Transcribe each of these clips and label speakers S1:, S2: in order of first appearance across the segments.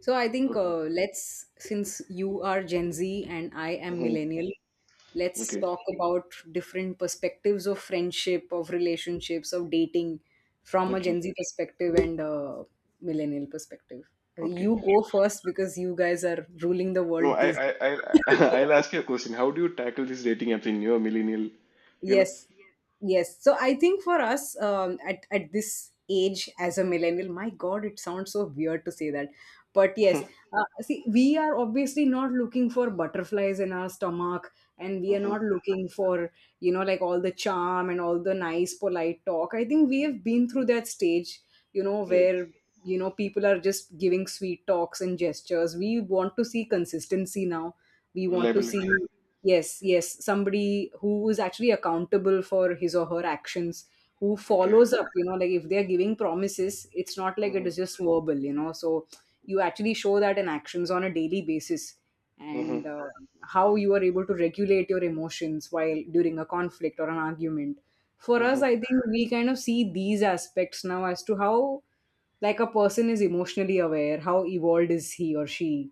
S1: So I think,
S2: Okay.
S1: let's, since you are Gen Z and I am millennial,
S2: Mm-hmm.
S1: let's
S2: Okay.
S1: talk about different perspectives of friendship, of relationships, of dating from a
S2: Okay.
S1: Gen Z perspective and a millennial perspective.
S2: Okay.
S1: You go first because you guys are ruling the
S2: No,
S1: world these days.
S2: I'll ask you a question. How do you tackle these dating apps in your millennial, you know?
S1: Yes, yes. So I think for us, at this age as a millennial, my God, it sounds so weird to say that, but yes. See, we are obviously not looking for butterflies in our stomach, and we are
S2: Mm-hmm.
S1: not looking for, you know, like all the charm and all the nice polite talk. I think we have been through that stage,
S2: Yeah.
S1: where people are just giving sweet talks and gestures. We want to see consistency now. We want to see.
S2: Reliability.
S1: Yes, yes. Somebody who is actually accountable for his or her actions, who
S2: Okay.
S1: follows up, like if they're giving promises, it's not like it is
S2: Mm-hmm.
S1: just verbal. So you actually show that in actions on a daily basis, and
S2: Mm-hmm.
S1: how you are able to regulate your emotions while during a conflict or an argument. For
S2: Mm-hmm.
S1: us, I think we kind of see these aspects now as to how like a person is emotionally aware, how evolved is he or she.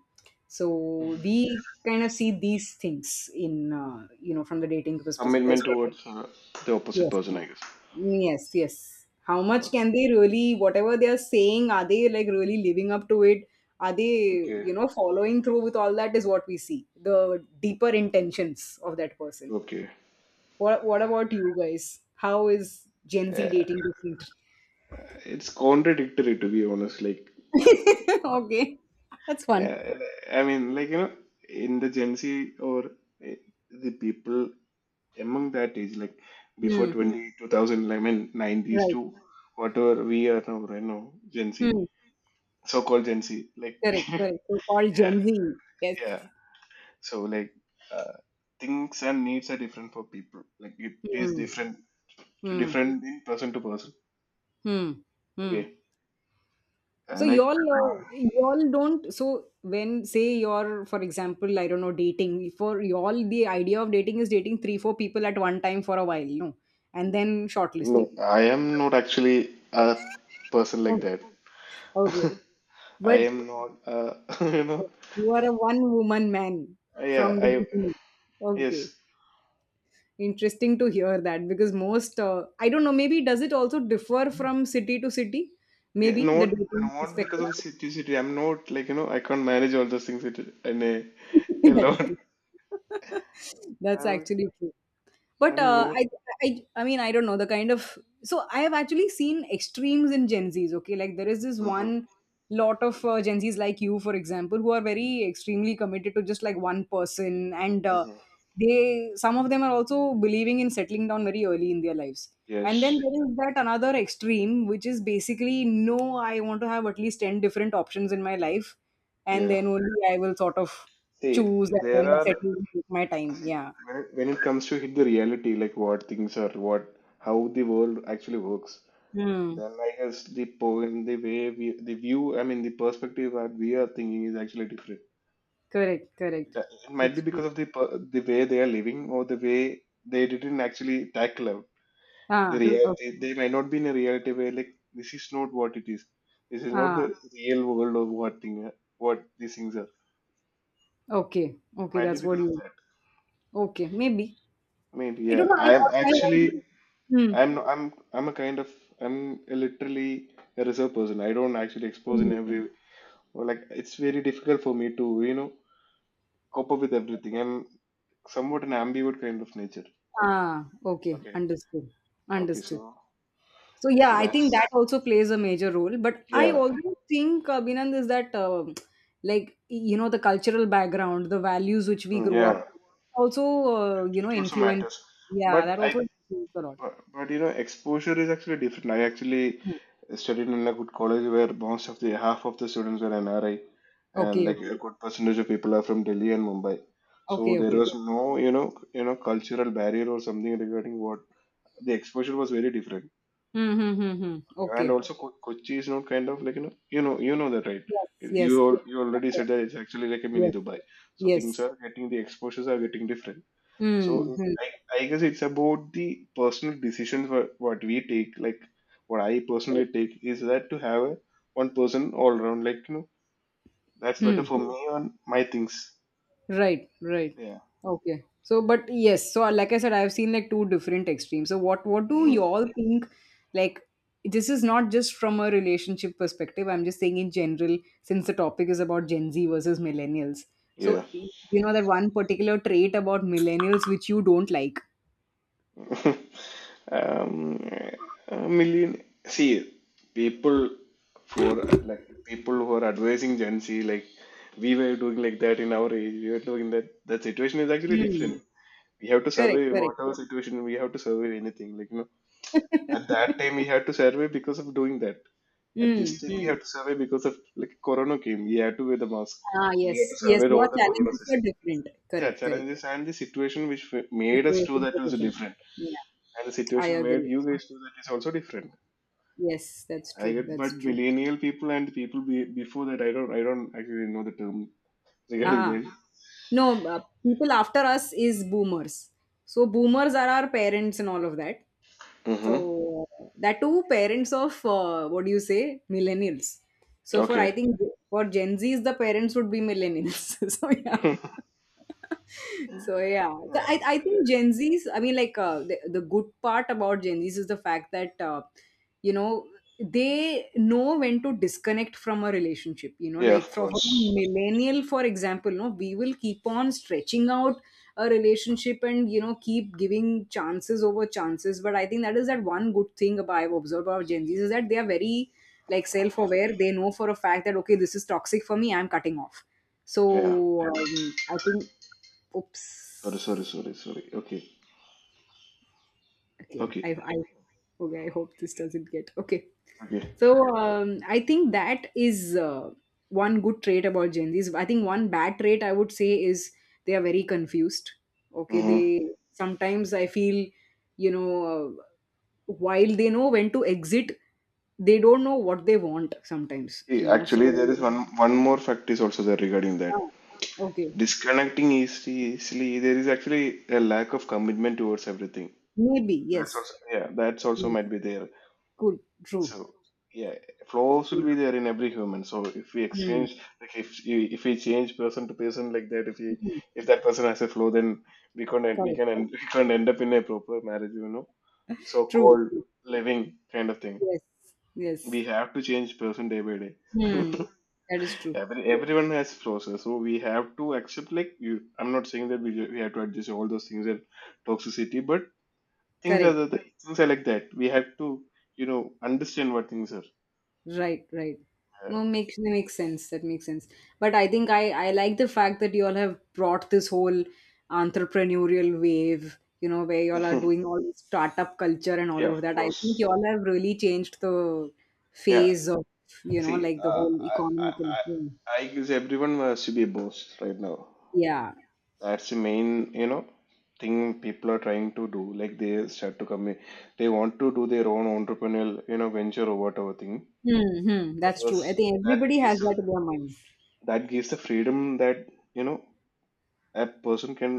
S1: So
S2: Mm-hmm.
S1: we kind of see these things in from the dating perspective.
S2: Commitment towards the opposite
S1: Yes,
S2: person, I guess.
S1: yes, yes. How much
S2: Okay.
S1: can they really, whatever they are saying? Are they like really living up to it? Are they
S2: Okay.
S1: following through with all that? Is what we see the deeper intentions of that person.
S2: Okay.
S1: What about you guys? How is Gen Z
S2: Uh,
S1: dating different?
S2: it's contradictory, to be honest. Like,
S1: Okay, that's fun.
S2: yeah, I mean, like, you know, in the Gen Z or uh, the people among that age, like before
S1: Hmm.
S2: 20 2011 90s
S1: Right.
S2: to whatever we are now right now, Gen Z,
S1: Hmm.
S2: so-called Gen Z, like.
S1: Correct, correct. So called Gen Z. Yes.
S2: Yeah, so like uh, things and needs are different for people. Like, it is
S1: Hmm.
S2: different
S1: Hmm.
S2: different in person to person.
S1: Hmm. Hmm.
S2: Okay. I
S1: So
S2: like
S1: y'all,
S2: uh,
S1: y'all don't. So when say you're, for example, I don't know, dating. For y'all, the idea of dating is dating three, four people at one time for a while, no, and then
S2: no,
S1: shortlisting.
S2: I am not actually a person like
S1: Oh,
S2: that.
S1: okay, but
S2: I am not you know.
S1: you are a one woman man
S2: Yeah.
S1: from the
S2: I.
S1: beginning. Okay,
S2: Yes.
S1: interesting to hear that because most, I don't know, maybe, does it also differ from city to city?
S2: Yeah,
S1: Maybe the
S2: not
S1: dating
S2: not because
S1: perspective.
S2: of situation. I'm not, like, you know, I can't manage all those things, it, and
S1: That's
S2: alone.
S1: true. That's
S2: I'm
S1: actually true, but
S2: I'm not.
S1: I mean, I don't know the kind of. So I have actually seen extremes in Gen Z's. Okay, like there is this
S2: Mhm,
S1: one lot of Gen Z's like you, for example, who are very extremely committed to just like one person. And
S2: mhm.
S1: they some of them are also believing in settling down very early in their lives. And then
S2: Yes.
S1: there is that another extreme, which is basically, no, I want to have at least 10 different options in my life, and
S2: Yeah.
S1: then only I will sort of
S2: See,
S1: choose and
S2: there
S1: then
S2: are,
S1: settle and take my time.
S2: see,
S1: Yeah.
S2: when it comes to hit the reality, like what things are, what, how the world actually works.
S1: Hmm.
S2: Then I guess the point, the way we, the view, I mean the perspective that we are thinking is actually different.
S1: Correct,
S2: It,
S1: correct.
S2: it might
S1: That's
S2: be because
S1: true.
S2: of the per- the way they are living or the way they didn't actually tackle out the
S1: Ah, okay.
S2: reality. They might not be in a reality where, like, this is not what it is, this is not
S1: Ah,
S2: the real world of what thing, what these things are.
S1: okay. Okay,
S2: Might be
S1: that's what
S2: because of
S1: you.
S2: that.
S1: Okay, maybe.
S2: Maybe.
S1: I
S2: Yeah,
S1: don't know. I,
S2: I am
S1: I
S2: actually,
S1: also. Hmm,
S2: I'm no- I'm a kind of, I'm a literally a reserved person. I don't actually expose
S1: hmm.
S2: in every, or like, it's very difficult for me to, you know, cope up with everything. I'm somewhat an ambivert kind of nature.
S1: Ah, okay.
S2: Okay.
S1: Understood.
S2: Okay,
S1: Understood.
S2: so,
S1: So yeah,
S2: so
S1: I think that
S2: that's,
S1: also plays a major role. But I
S2: yeah.
S1: also think, Binand, is that like you know the cultural background, the values which we
S2: Mm,
S1: grow up
S2: yeah,
S1: with, also, you know,
S2: it also
S1: influence.
S2: matters.
S1: Yeah,
S2: But
S1: that
S2: I,
S1: also influences a lot.
S2: But, you know, exposure is actually different. I actually
S1: Hmm.
S2: studied in a good college where most of the half of the students were NRI, and
S1: Okay,
S2: like
S1: okay,
S2: a good percentage of people are from Delhi and Mumbai. So
S1: okay,
S2: there
S1: okay.
S2: was, okay, no, you know, cultural barrier or something regarding what, the exposure was very different.
S1: Hmm, hmm, hmm, hmm.
S2: And
S1: Okay.
S2: also, Co- Kochi is not kind of like, you know, you know, you know that, right?
S1: Yes,
S2: You,
S1: yes,
S2: yeah, al- you
S1: of
S2: already said
S1: course.
S2: that it's actually like a mini
S1: Yes,
S2: Dubai. So things
S1: yes.
S2: are getting, the exposures are getting different.
S1: Hmm.
S2: So
S1: Hmm.
S2: I guess it's about the personal decisions, what we take. Like, what I
S1: Correct.
S2: personally take is that to have a one person all around. Like, you know, that's better
S1: Hmm.
S2: for me on my things.
S1: Right, right.
S2: Yeah.
S1: Okay. So, but yes. So, like I said, I've seen like two different extremes. So, what do you
S2: Hmm.
S1: all think? Like, this is not just from a relationship perspective. I'm just saying in general, since the topic is about Gen Z versus millennials. So,
S2: Yeah.
S1: you know that one particular trait about millennials which you don't like.
S2: um, a million. See, people, for like people who are advising Gen Z, like, we were doing like that in our age. We were doing that. That situation is actually
S1: Hmm.
S2: different. We have to
S1: Correct,
S2: survey
S1: correct.
S2: whatever situation. We have to survey anything. Like, you know, at that time, we had to survey because of doing that. At
S1: Hmm,
S2: this time, we
S1: hmm.
S2: have to survey because of like Corona came. We had to wear the mask.
S1: Ah,
S2: And we had to
S1: yes, yes.
S2: survey, yeah,
S1: Your
S2: all the Corona
S1: challenges were
S2: session.
S1: different.
S2: Yeah,
S1: Correct, correct.
S2: challenges and the situation which f- made us do
S1: Situations were
S2: that was
S1: different.
S2: different,
S1: Yeah,
S2: and the
S1: I
S2: situation made
S1: agree.
S2: you guys do that is also different.
S1: Yes, that's
S2: I
S1: true.
S2: get,
S1: That's
S2: but
S1: true.
S2: millennial people and people be, before that, I don't actually know the term regarding
S1: Ah,
S2: that.
S1: no, people after us is boomers. So boomers are our parents and all of that.
S2: Mm-hmm.
S1: So that too, parents of, what do you say, millennials. So for, I
S2: Okay.
S1: think, for Gen Zs, the parents would be millennials. So yeah. So yeah. So, I
S2: Yeah.
S1: think Gen Zs. I mean, like the good part about Gen Zs is the fact that you know they know when to disconnect from a relationship. You know,
S2: Yeah,
S1: like
S2: of
S1: from a
S2: course.
S1: millennial, for example, no, we will keep on stretching out a relationship and keep giving chances over chances. But I think that is that one good thing about, I've observed about Gen Z's, is that they are very like self-aware. They know for a fact that, okay, this is toxic for me, I'm cutting off.
S2: Yeah.
S1: So, I think. Oops.
S2: Sorry, sorry, sorry, sorry. Okay.
S1: Okay,
S2: Okay.
S1: I. okay, I hope this doesn't get. Okay,
S2: Okay.
S1: so um, I think that is, uh, one good trait about Gen Z's. I think one bad trait, I would say, is they are very confused. Okay, they,
S2: Mm-hmm.
S1: sometimes I feel, you know uh, while they know when to exit, they don't know what they want sometimes
S2: See,
S1: you know
S2: actually,
S1: so.
S2: there is one more fact is also there regarding that.
S1: Ah, okay.
S2: Disconnecting easily, easily, there is actually a lack of commitment towards everything.
S1: Maybe,
S2: That's
S1: yes.
S2: also, yeah, that's also
S1: Mm,
S2: might be there.
S1: good. True,
S2: So yeah, flaws will
S1: true.
S2: be there in every human. So if we
S1: Hmm.
S2: exchange, like if you, if we change person to person like that, if we,
S1: Mhm.
S2: if that person has a flaw, then we can not, we
S1: Correct.
S2: can end, we can not end up in a proper marriage, you know,
S1: True,
S2: so-called
S1: true.
S2: living kind of thing.
S1: Yes, yes.
S2: We have to change person day by day.
S1: Hmm. That is true.
S2: Every, everyone has flaws, so we have to accept. Like, you, I'm not saying that we ju- we have to adjust all those things and toxicity, but things are
S1: Correct.
S2: the, things are like that. We have to, you know, understand what things are.
S1: Right, right. No, makes that makes sense. That makes sense. But I think I like the fact that you all have brought this whole entrepreneurial wave, you know, where you all are
S2: Yeah,
S1: doing all this startup culture and all
S2: yeah,
S1: of
S2: of
S1: that. I think you
S2: course.
S1: all have really changed the
S2: Yeah.
S1: phase of, you know,
S2: See, uh,
S1: like the whole
S2: I, I,
S1: economical
S2: I
S1: thing.
S2: I guess everyone wants to be a boss right now.
S1: Yeah.
S2: That's the main, you know, thing people are trying to do. Like, they start to come in, they want to do their own entrepreneurial, you know, venture or whatever thing.
S1: Mm-hmm.
S2: I
S1: That's true. I
S2: guess
S1: think
S2: that
S1: everybody has
S2: gives,
S1: that in their mind.
S2: that gives the freedom that, you know, a person can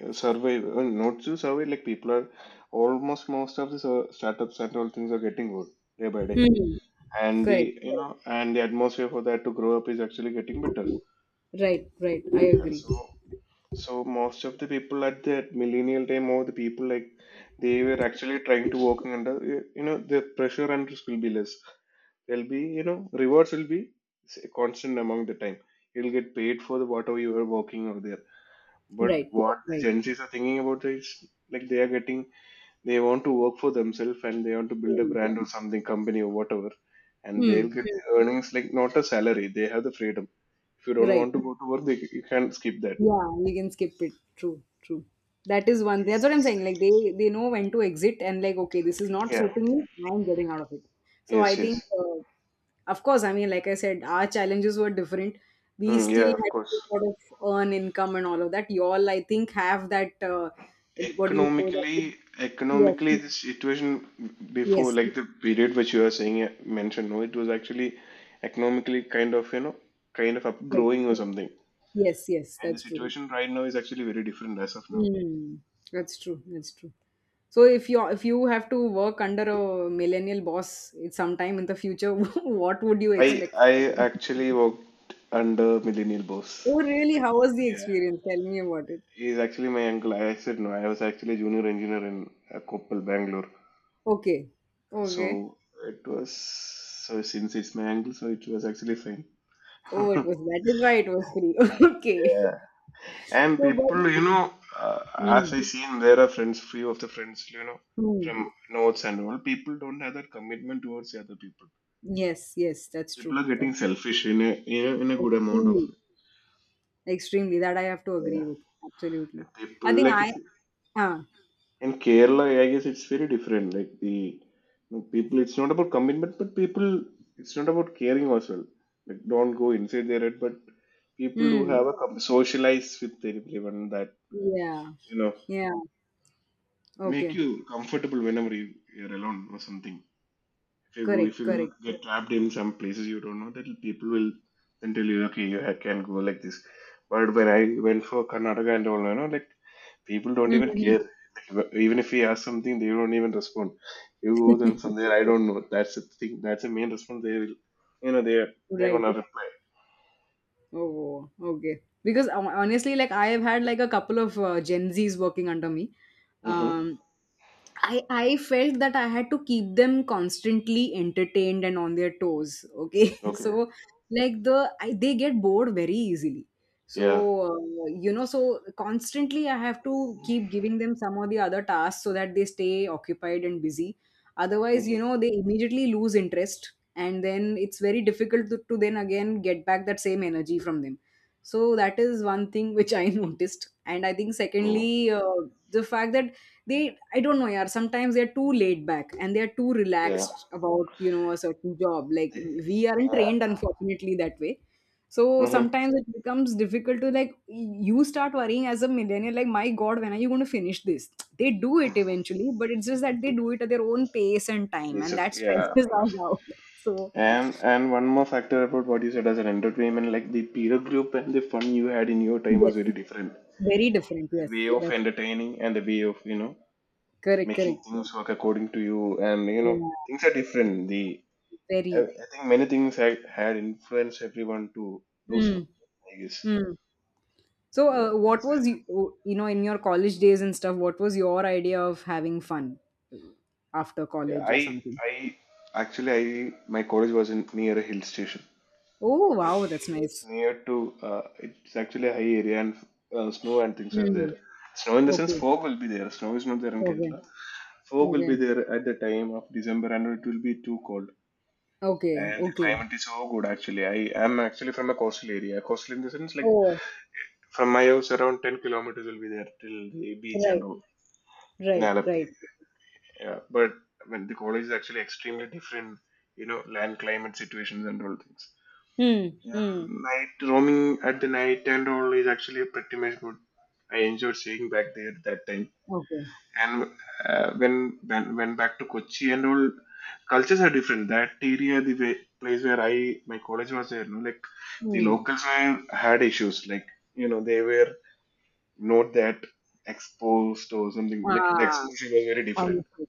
S2: survive, not to survive, like people are, almost most of the sur- startups and all things are getting good day by day,
S1: Hmm. Correct,
S2: and the, you
S1: correct.
S2: know, and the atmosphere for that to grow up is actually getting better.
S1: Right, right. I
S2: Yeah,
S1: agree.
S2: so, so most of the people at that millennial time, or the people, like, they were actually trying to work under you. You know, the pressure and risk will be less. There'll be, you know, rewards will be s- constant among the time. You'll get paid for the whatever you are working over there. But
S1: Right,
S2: what the
S1: right.
S2: Gen Zs are thinking about is, like they are getting, they want to work for themselves, and they want to build a brand or something, company or whatever, and they'll
S1: Hmm.
S2: get the earnings, like not a salary. They have the freedom. If you don't want
S1: Right.
S2: to go to work, they, you can skip that.
S1: Yeah, you can skip it. True, true. That is one thing. That's what I'm saying. Like they know when to exit and like, okay, this is not
S2: Yeah.
S1: suiting me. I'm getting out of it. So I
S2: Yes.
S1: think,
S2: Yes.
S1: of course, I mean, like I said, our challenges were different. We
S2: Mm,
S1: still
S2: yeah. Of
S1: had
S2: course.
S1: to sort of earn income and all of that. Y'all, I think, have that. What do you say? That,
S2: Economically,
S1: yes,
S2: economically, the situation before,
S1: yes,
S2: like the period which you are saying mentioned, no, it was actually economically kind of, you know, kind of upgrowing or something.
S1: yes, yes, yes.
S2: And the
S1: That's true.
S2: situation right now is actually very different as of now.
S1: Mm. That's true. That's true. So, if you have to work under a millennial boss it's sometime in the future, what would you
S2: I
S1: expect?
S2: I actually worked under millennial boss.
S1: Oh, really? How was the
S2: Yeah.
S1: experience? Tell me about it.
S2: He's actually my uncle. I said no. I was actually a junior engineer in Koppal, Bangalore.
S1: Okay. Okay.
S2: So it was, so since it's my uncle, so it was actually fine.
S1: Oh, it was, that is why it was free. Okay.
S2: Yeah. And
S1: So, but
S2: people, you know, as
S1: mm,
S2: I seen, there are friends, few of the friends, you know,
S1: mm.
S2: from notes and all. People don't have that commitment towards the other people.
S1: Yes, yes, that's true.
S2: People are getting
S1: That's true.
S2: selfish in a, in a, in a good amount of.
S1: Extremely, extremely. That I have to
S2: Yeah.
S1: agree with. Absolutely.
S2: People,
S1: I think
S2: like
S1: I.
S2: if you-
S1: Uh,
S2: in Kerala, I guess it's very different, like the, you know, people, it's not about commitment, but people, it's not about caring as well, like don't go inside their head, but people do
S1: mm,
S2: have a com- socialize with everyone that,
S1: yeah.
S2: you know,
S1: Yeah.
S2: make
S1: Okay.
S2: you comfortable whenever you, you're alone or something. If
S1: Correct,
S2: you
S1: correct.
S2: get trapped in some places you don't know, that people will then tell you, okay, you ha- can go like this. But when I went for Karnataka and all, you know, like, people don't even care. Like, even if we ask something, they don't even respond. You go them from there, I don't know. That's the thing. That's the main response. They will, you know, they, they're
S1: Right.
S2: gonna reply.
S1: Oh, okay. Because honestly, like I have had like a couple of Gen Zs working under me,
S2: Mm-hmm.
S1: um, I felt that I had to keep them constantly entertained and on their toes. Okay.
S2: Okay.
S1: So, like, they get bored very easily.
S2: Yeah.
S1: So, so constantly I have to keep giving them some or the other tasks so that they stay occupied and busy. Otherwise, you
S2: Mm-hmm.
S1: know, they immediately lose interest. And then it's very difficult to, then again get back that same energy from them. So, that is one thing which I noticed. And I think,
S2: No.
S1: secondly, the fact that they, I don't know, yaar, sometimes they're too laid back and they're too
S2: Yeah.
S1: relaxed about, you know, a certain job. Like we aren't
S2: Yeah.
S1: trained unfortunately that way, so
S2: Mm-hmm.
S1: sometimes it becomes difficult to, like, you start worrying as a millennial, like, my god, when are you going to finish this. They do it eventually, but it's just that they do it at their own pace and time, and that
S2: Yeah, of
S1: stresses us
S2: course.
S1: out. So
S2: And one more factor about what you said as an entertainment, like the peer group and the fun you had in your time was
S1: yes,
S2: very different.
S1: very different.
S2: The
S1: Yes,
S2: way of
S1: that's
S2: entertaining and the way of, you know,
S1: correct,
S2: making
S1: correct,
S2: things work according to you, and, you know,
S1: yeah,
S2: things are different. The
S1: very.
S2: I think many things had, had influenced everyone to do
S1: Hmm.
S2: so. I guess.
S1: Hmm. So,
S2: Yeah,
S1: what
S2: that's why
S1: was
S2: I thought.
S1: you, you know, in your college days and stuff, what was your idea of having fun after
S2: Yeah,
S1: college or
S2: I
S1: something?
S2: I actually, I, my college was in near a hill station.
S1: Oh,
S2: It's,
S1: wow,
S2: it
S1: that's
S2: was
S1: nice.
S2: near to it's actually a high area, and snow and things are
S1: Hmm.
S2: there. Snow in the sense
S1: Okay,
S2: fog will be there. Snow is not there in
S1: okay,
S2: Kerala. Fog will be
S1: okay,
S2: there at the time of December and it will be too cold.
S1: okay,
S2: And the
S1: okay.
S2: climate is so good, actually. I am actually from a coastal area. Coastal in the sense, like,
S1: Oh,
S2: from my house around 10 kilometers will be there till the beach
S1: right,
S2: and all, in
S1: right,
S2: Alappi.
S1: right.
S2: Yeah, but I mean the college is actually extremely different. You know, land, climate, situations and all things.
S1: Hmm,
S2: Yeah,
S1: hmm.
S2: night roaming at the night and all is actually pretty much good. I enjoyed staying back there that time.
S1: Okay.
S2: And when went back to Kochi and all, cultures are different. That area, the way, place where I, my college was there, no, like, the
S1: Hmm.
S2: locals were, had issues. Like, you know, they were not that exposed or something. Like, the
S1: Ah,
S2: exposure was very different.
S1: understood.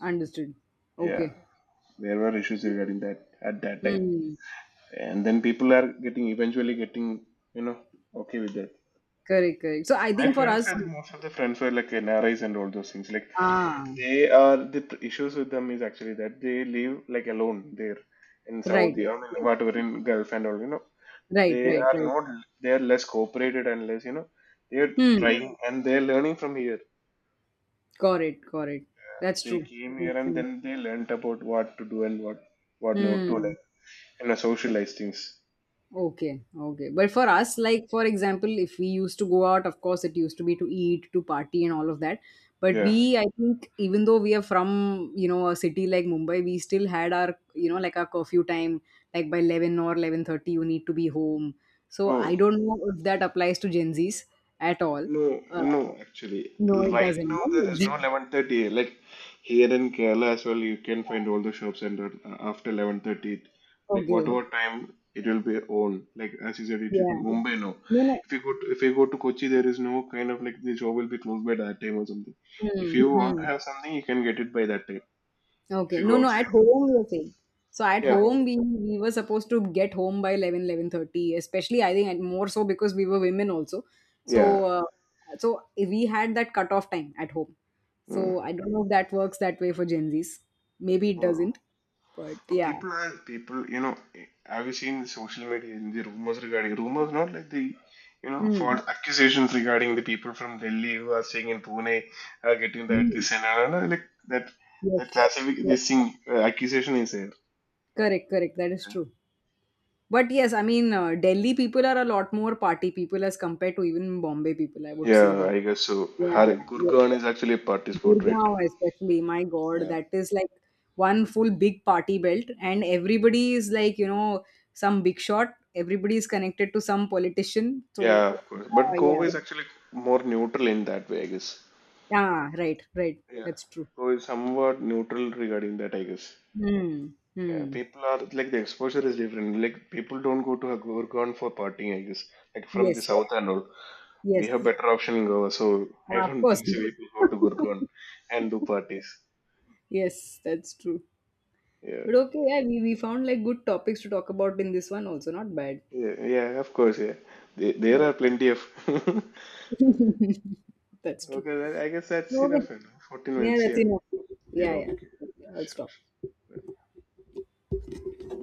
S1: Understood.
S2: Yeah,
S1: Okay.
S2: there were issues regarding that at that time.
S1: Hmm.
S2: And then people are getting, eventually getting, you know, okay with that.
S1: Correct, correct. So, I
S2: My
S1: think for
S2: friends
S1: us,
S2: said most of the friends were like NRIs and all those things. Like,
S1: ah,
S2: they are the pr- issues with them is actually that they live like alone there in
S1: right,
S2: Saudi or in
S1: right,
S2: whatever in Gulf and all. You know,
S1: right,
S2: they
S1: right,
S2: are
S1: right.
S2: not, they are less cooperated and less, you know, they are
S1: Hmm.
S2: trying and they are learning from here.
S1: Got it, got it. That's
S2: They
S1: true.
S2: came here
S1: Makes
S2: and
S1: sense.
S2: then they learnt about what to do and what not to, like,
S1: Mm.
S2: and, you know, socialize things.
S1: Okay, okay. But for us, like for example, if we used to go out, of course, it used to be to eat, to party, and all of that. But
S2: Yeah.
S1: we, I think, even though we are from, you know, a city like Mumbai, we still had our, you know, like our curfew time, like by 11 or 11:30, you need to be home. So I
S2: Oh.
S1: don't know if that applies to Gen Zs at all.
S2: No,
S1: Uh,
S2: no, actually,
S1: no, it
S2: right
S1: doesn't.
S2: now there
S1: No?
S2: is no 11:30. Like, here in Kerala as well, you can find all the shops and that, after 11:30, like
S1: Okay.
S2: whatever time it will be on. Like, as you said, it is
S1: Yeah.
S2: Mumbai now.
S1: No,
S2: If you go to, if you go to Kochi, there is no kind of like the shop will be closed by that time or something. If
S1: no.
S2: you
S1: Hmm,
S2: want to
S1: hmm.
S2: have something, you can get it by that time. If
S1: Okay.
S2: you
S1: No,
S2: go
S1: no,
S2: outside,
S1: at home we are saying. So at
S2: yeah,
S1: home
S2: ho-
S1: we were supposed to get home by 11, 11:30, especially I think, and more so because we were women also.
S2: yeah.
S1: So, so we had that cutoff time at home. So I don't know if that works that way for Gen Zs. Maybe it
S2: Mm.
S1: doesn't, but yeah.
S2: People are people, you know. Have you seen social media and the rumors regarding rumors? Not like the, you know,
S1: Hmm.
S2: false accusations regarding the people from Delhi who are staying in Pune are getting that
S1: Hmm.
S2: this and that, no, that, like that, that
S1: Yes.
S2: classific,
S1: Yes.
S2: this thing accusation is there.
S1: Correct, correct. That is true. But yes, I mean, Delhi people are a lot more party people as compared to even Bombay people. I would say
S2: Yeah,
S1: that.
S2: I guess so. Har
S1: Yeah. Yeah.
S2: Gurgaon is actually a party sport, right?
S1: Gurgaon, especially, my God,
S2: Yeah.
S1: that is like one full big party belt, and everybody is like, you know, some big shot. Everybody is connected to some politician. So,
S2: Yeah, of course. But
S1: yeah, yeah,
S2: Goa is actually more neutral in that way, I guess.
S1: yeah, right, right.
S2: Yeah.
S1: That's true.
S2: Goa is somewhat neutral regarding that, I guess.
S1: Hmm.
S2: Yeah,
S1: Hmm.
S2: people are like, the exposure is different. Like, people don't go to Gurgaon for partying, I guess. Like, from the
S1: Yes.
S2: south and all, we have
S1: Yes.
S2: better option in Goa. So I
S1: Ah, of
S2: don't
S1: course.
S2: think so. People go to Gurgaon and do parties.
S1: Yes, that's true.
S2: Yeah,
S1: But okay, yeah, we found like good topics to talk about in this one also. Not bad.
S2: yeah, yeah. Of course, yeah. There are
S1: Yeah.
S2: plenty of. Okay,
S1: That's true.
S2: well, I guess that's
S1: So, okay.
S2: enough. Fourteen
S1: Yeah,
S2: minutes.
S1: that's
S2: Yeah.
S1: enough.
S2: Yeah.
S1: Yeah, yeah.
S2: Okay.
S1: Okay, I'll
S2: Sure.
S1: stop.
S2: Sure.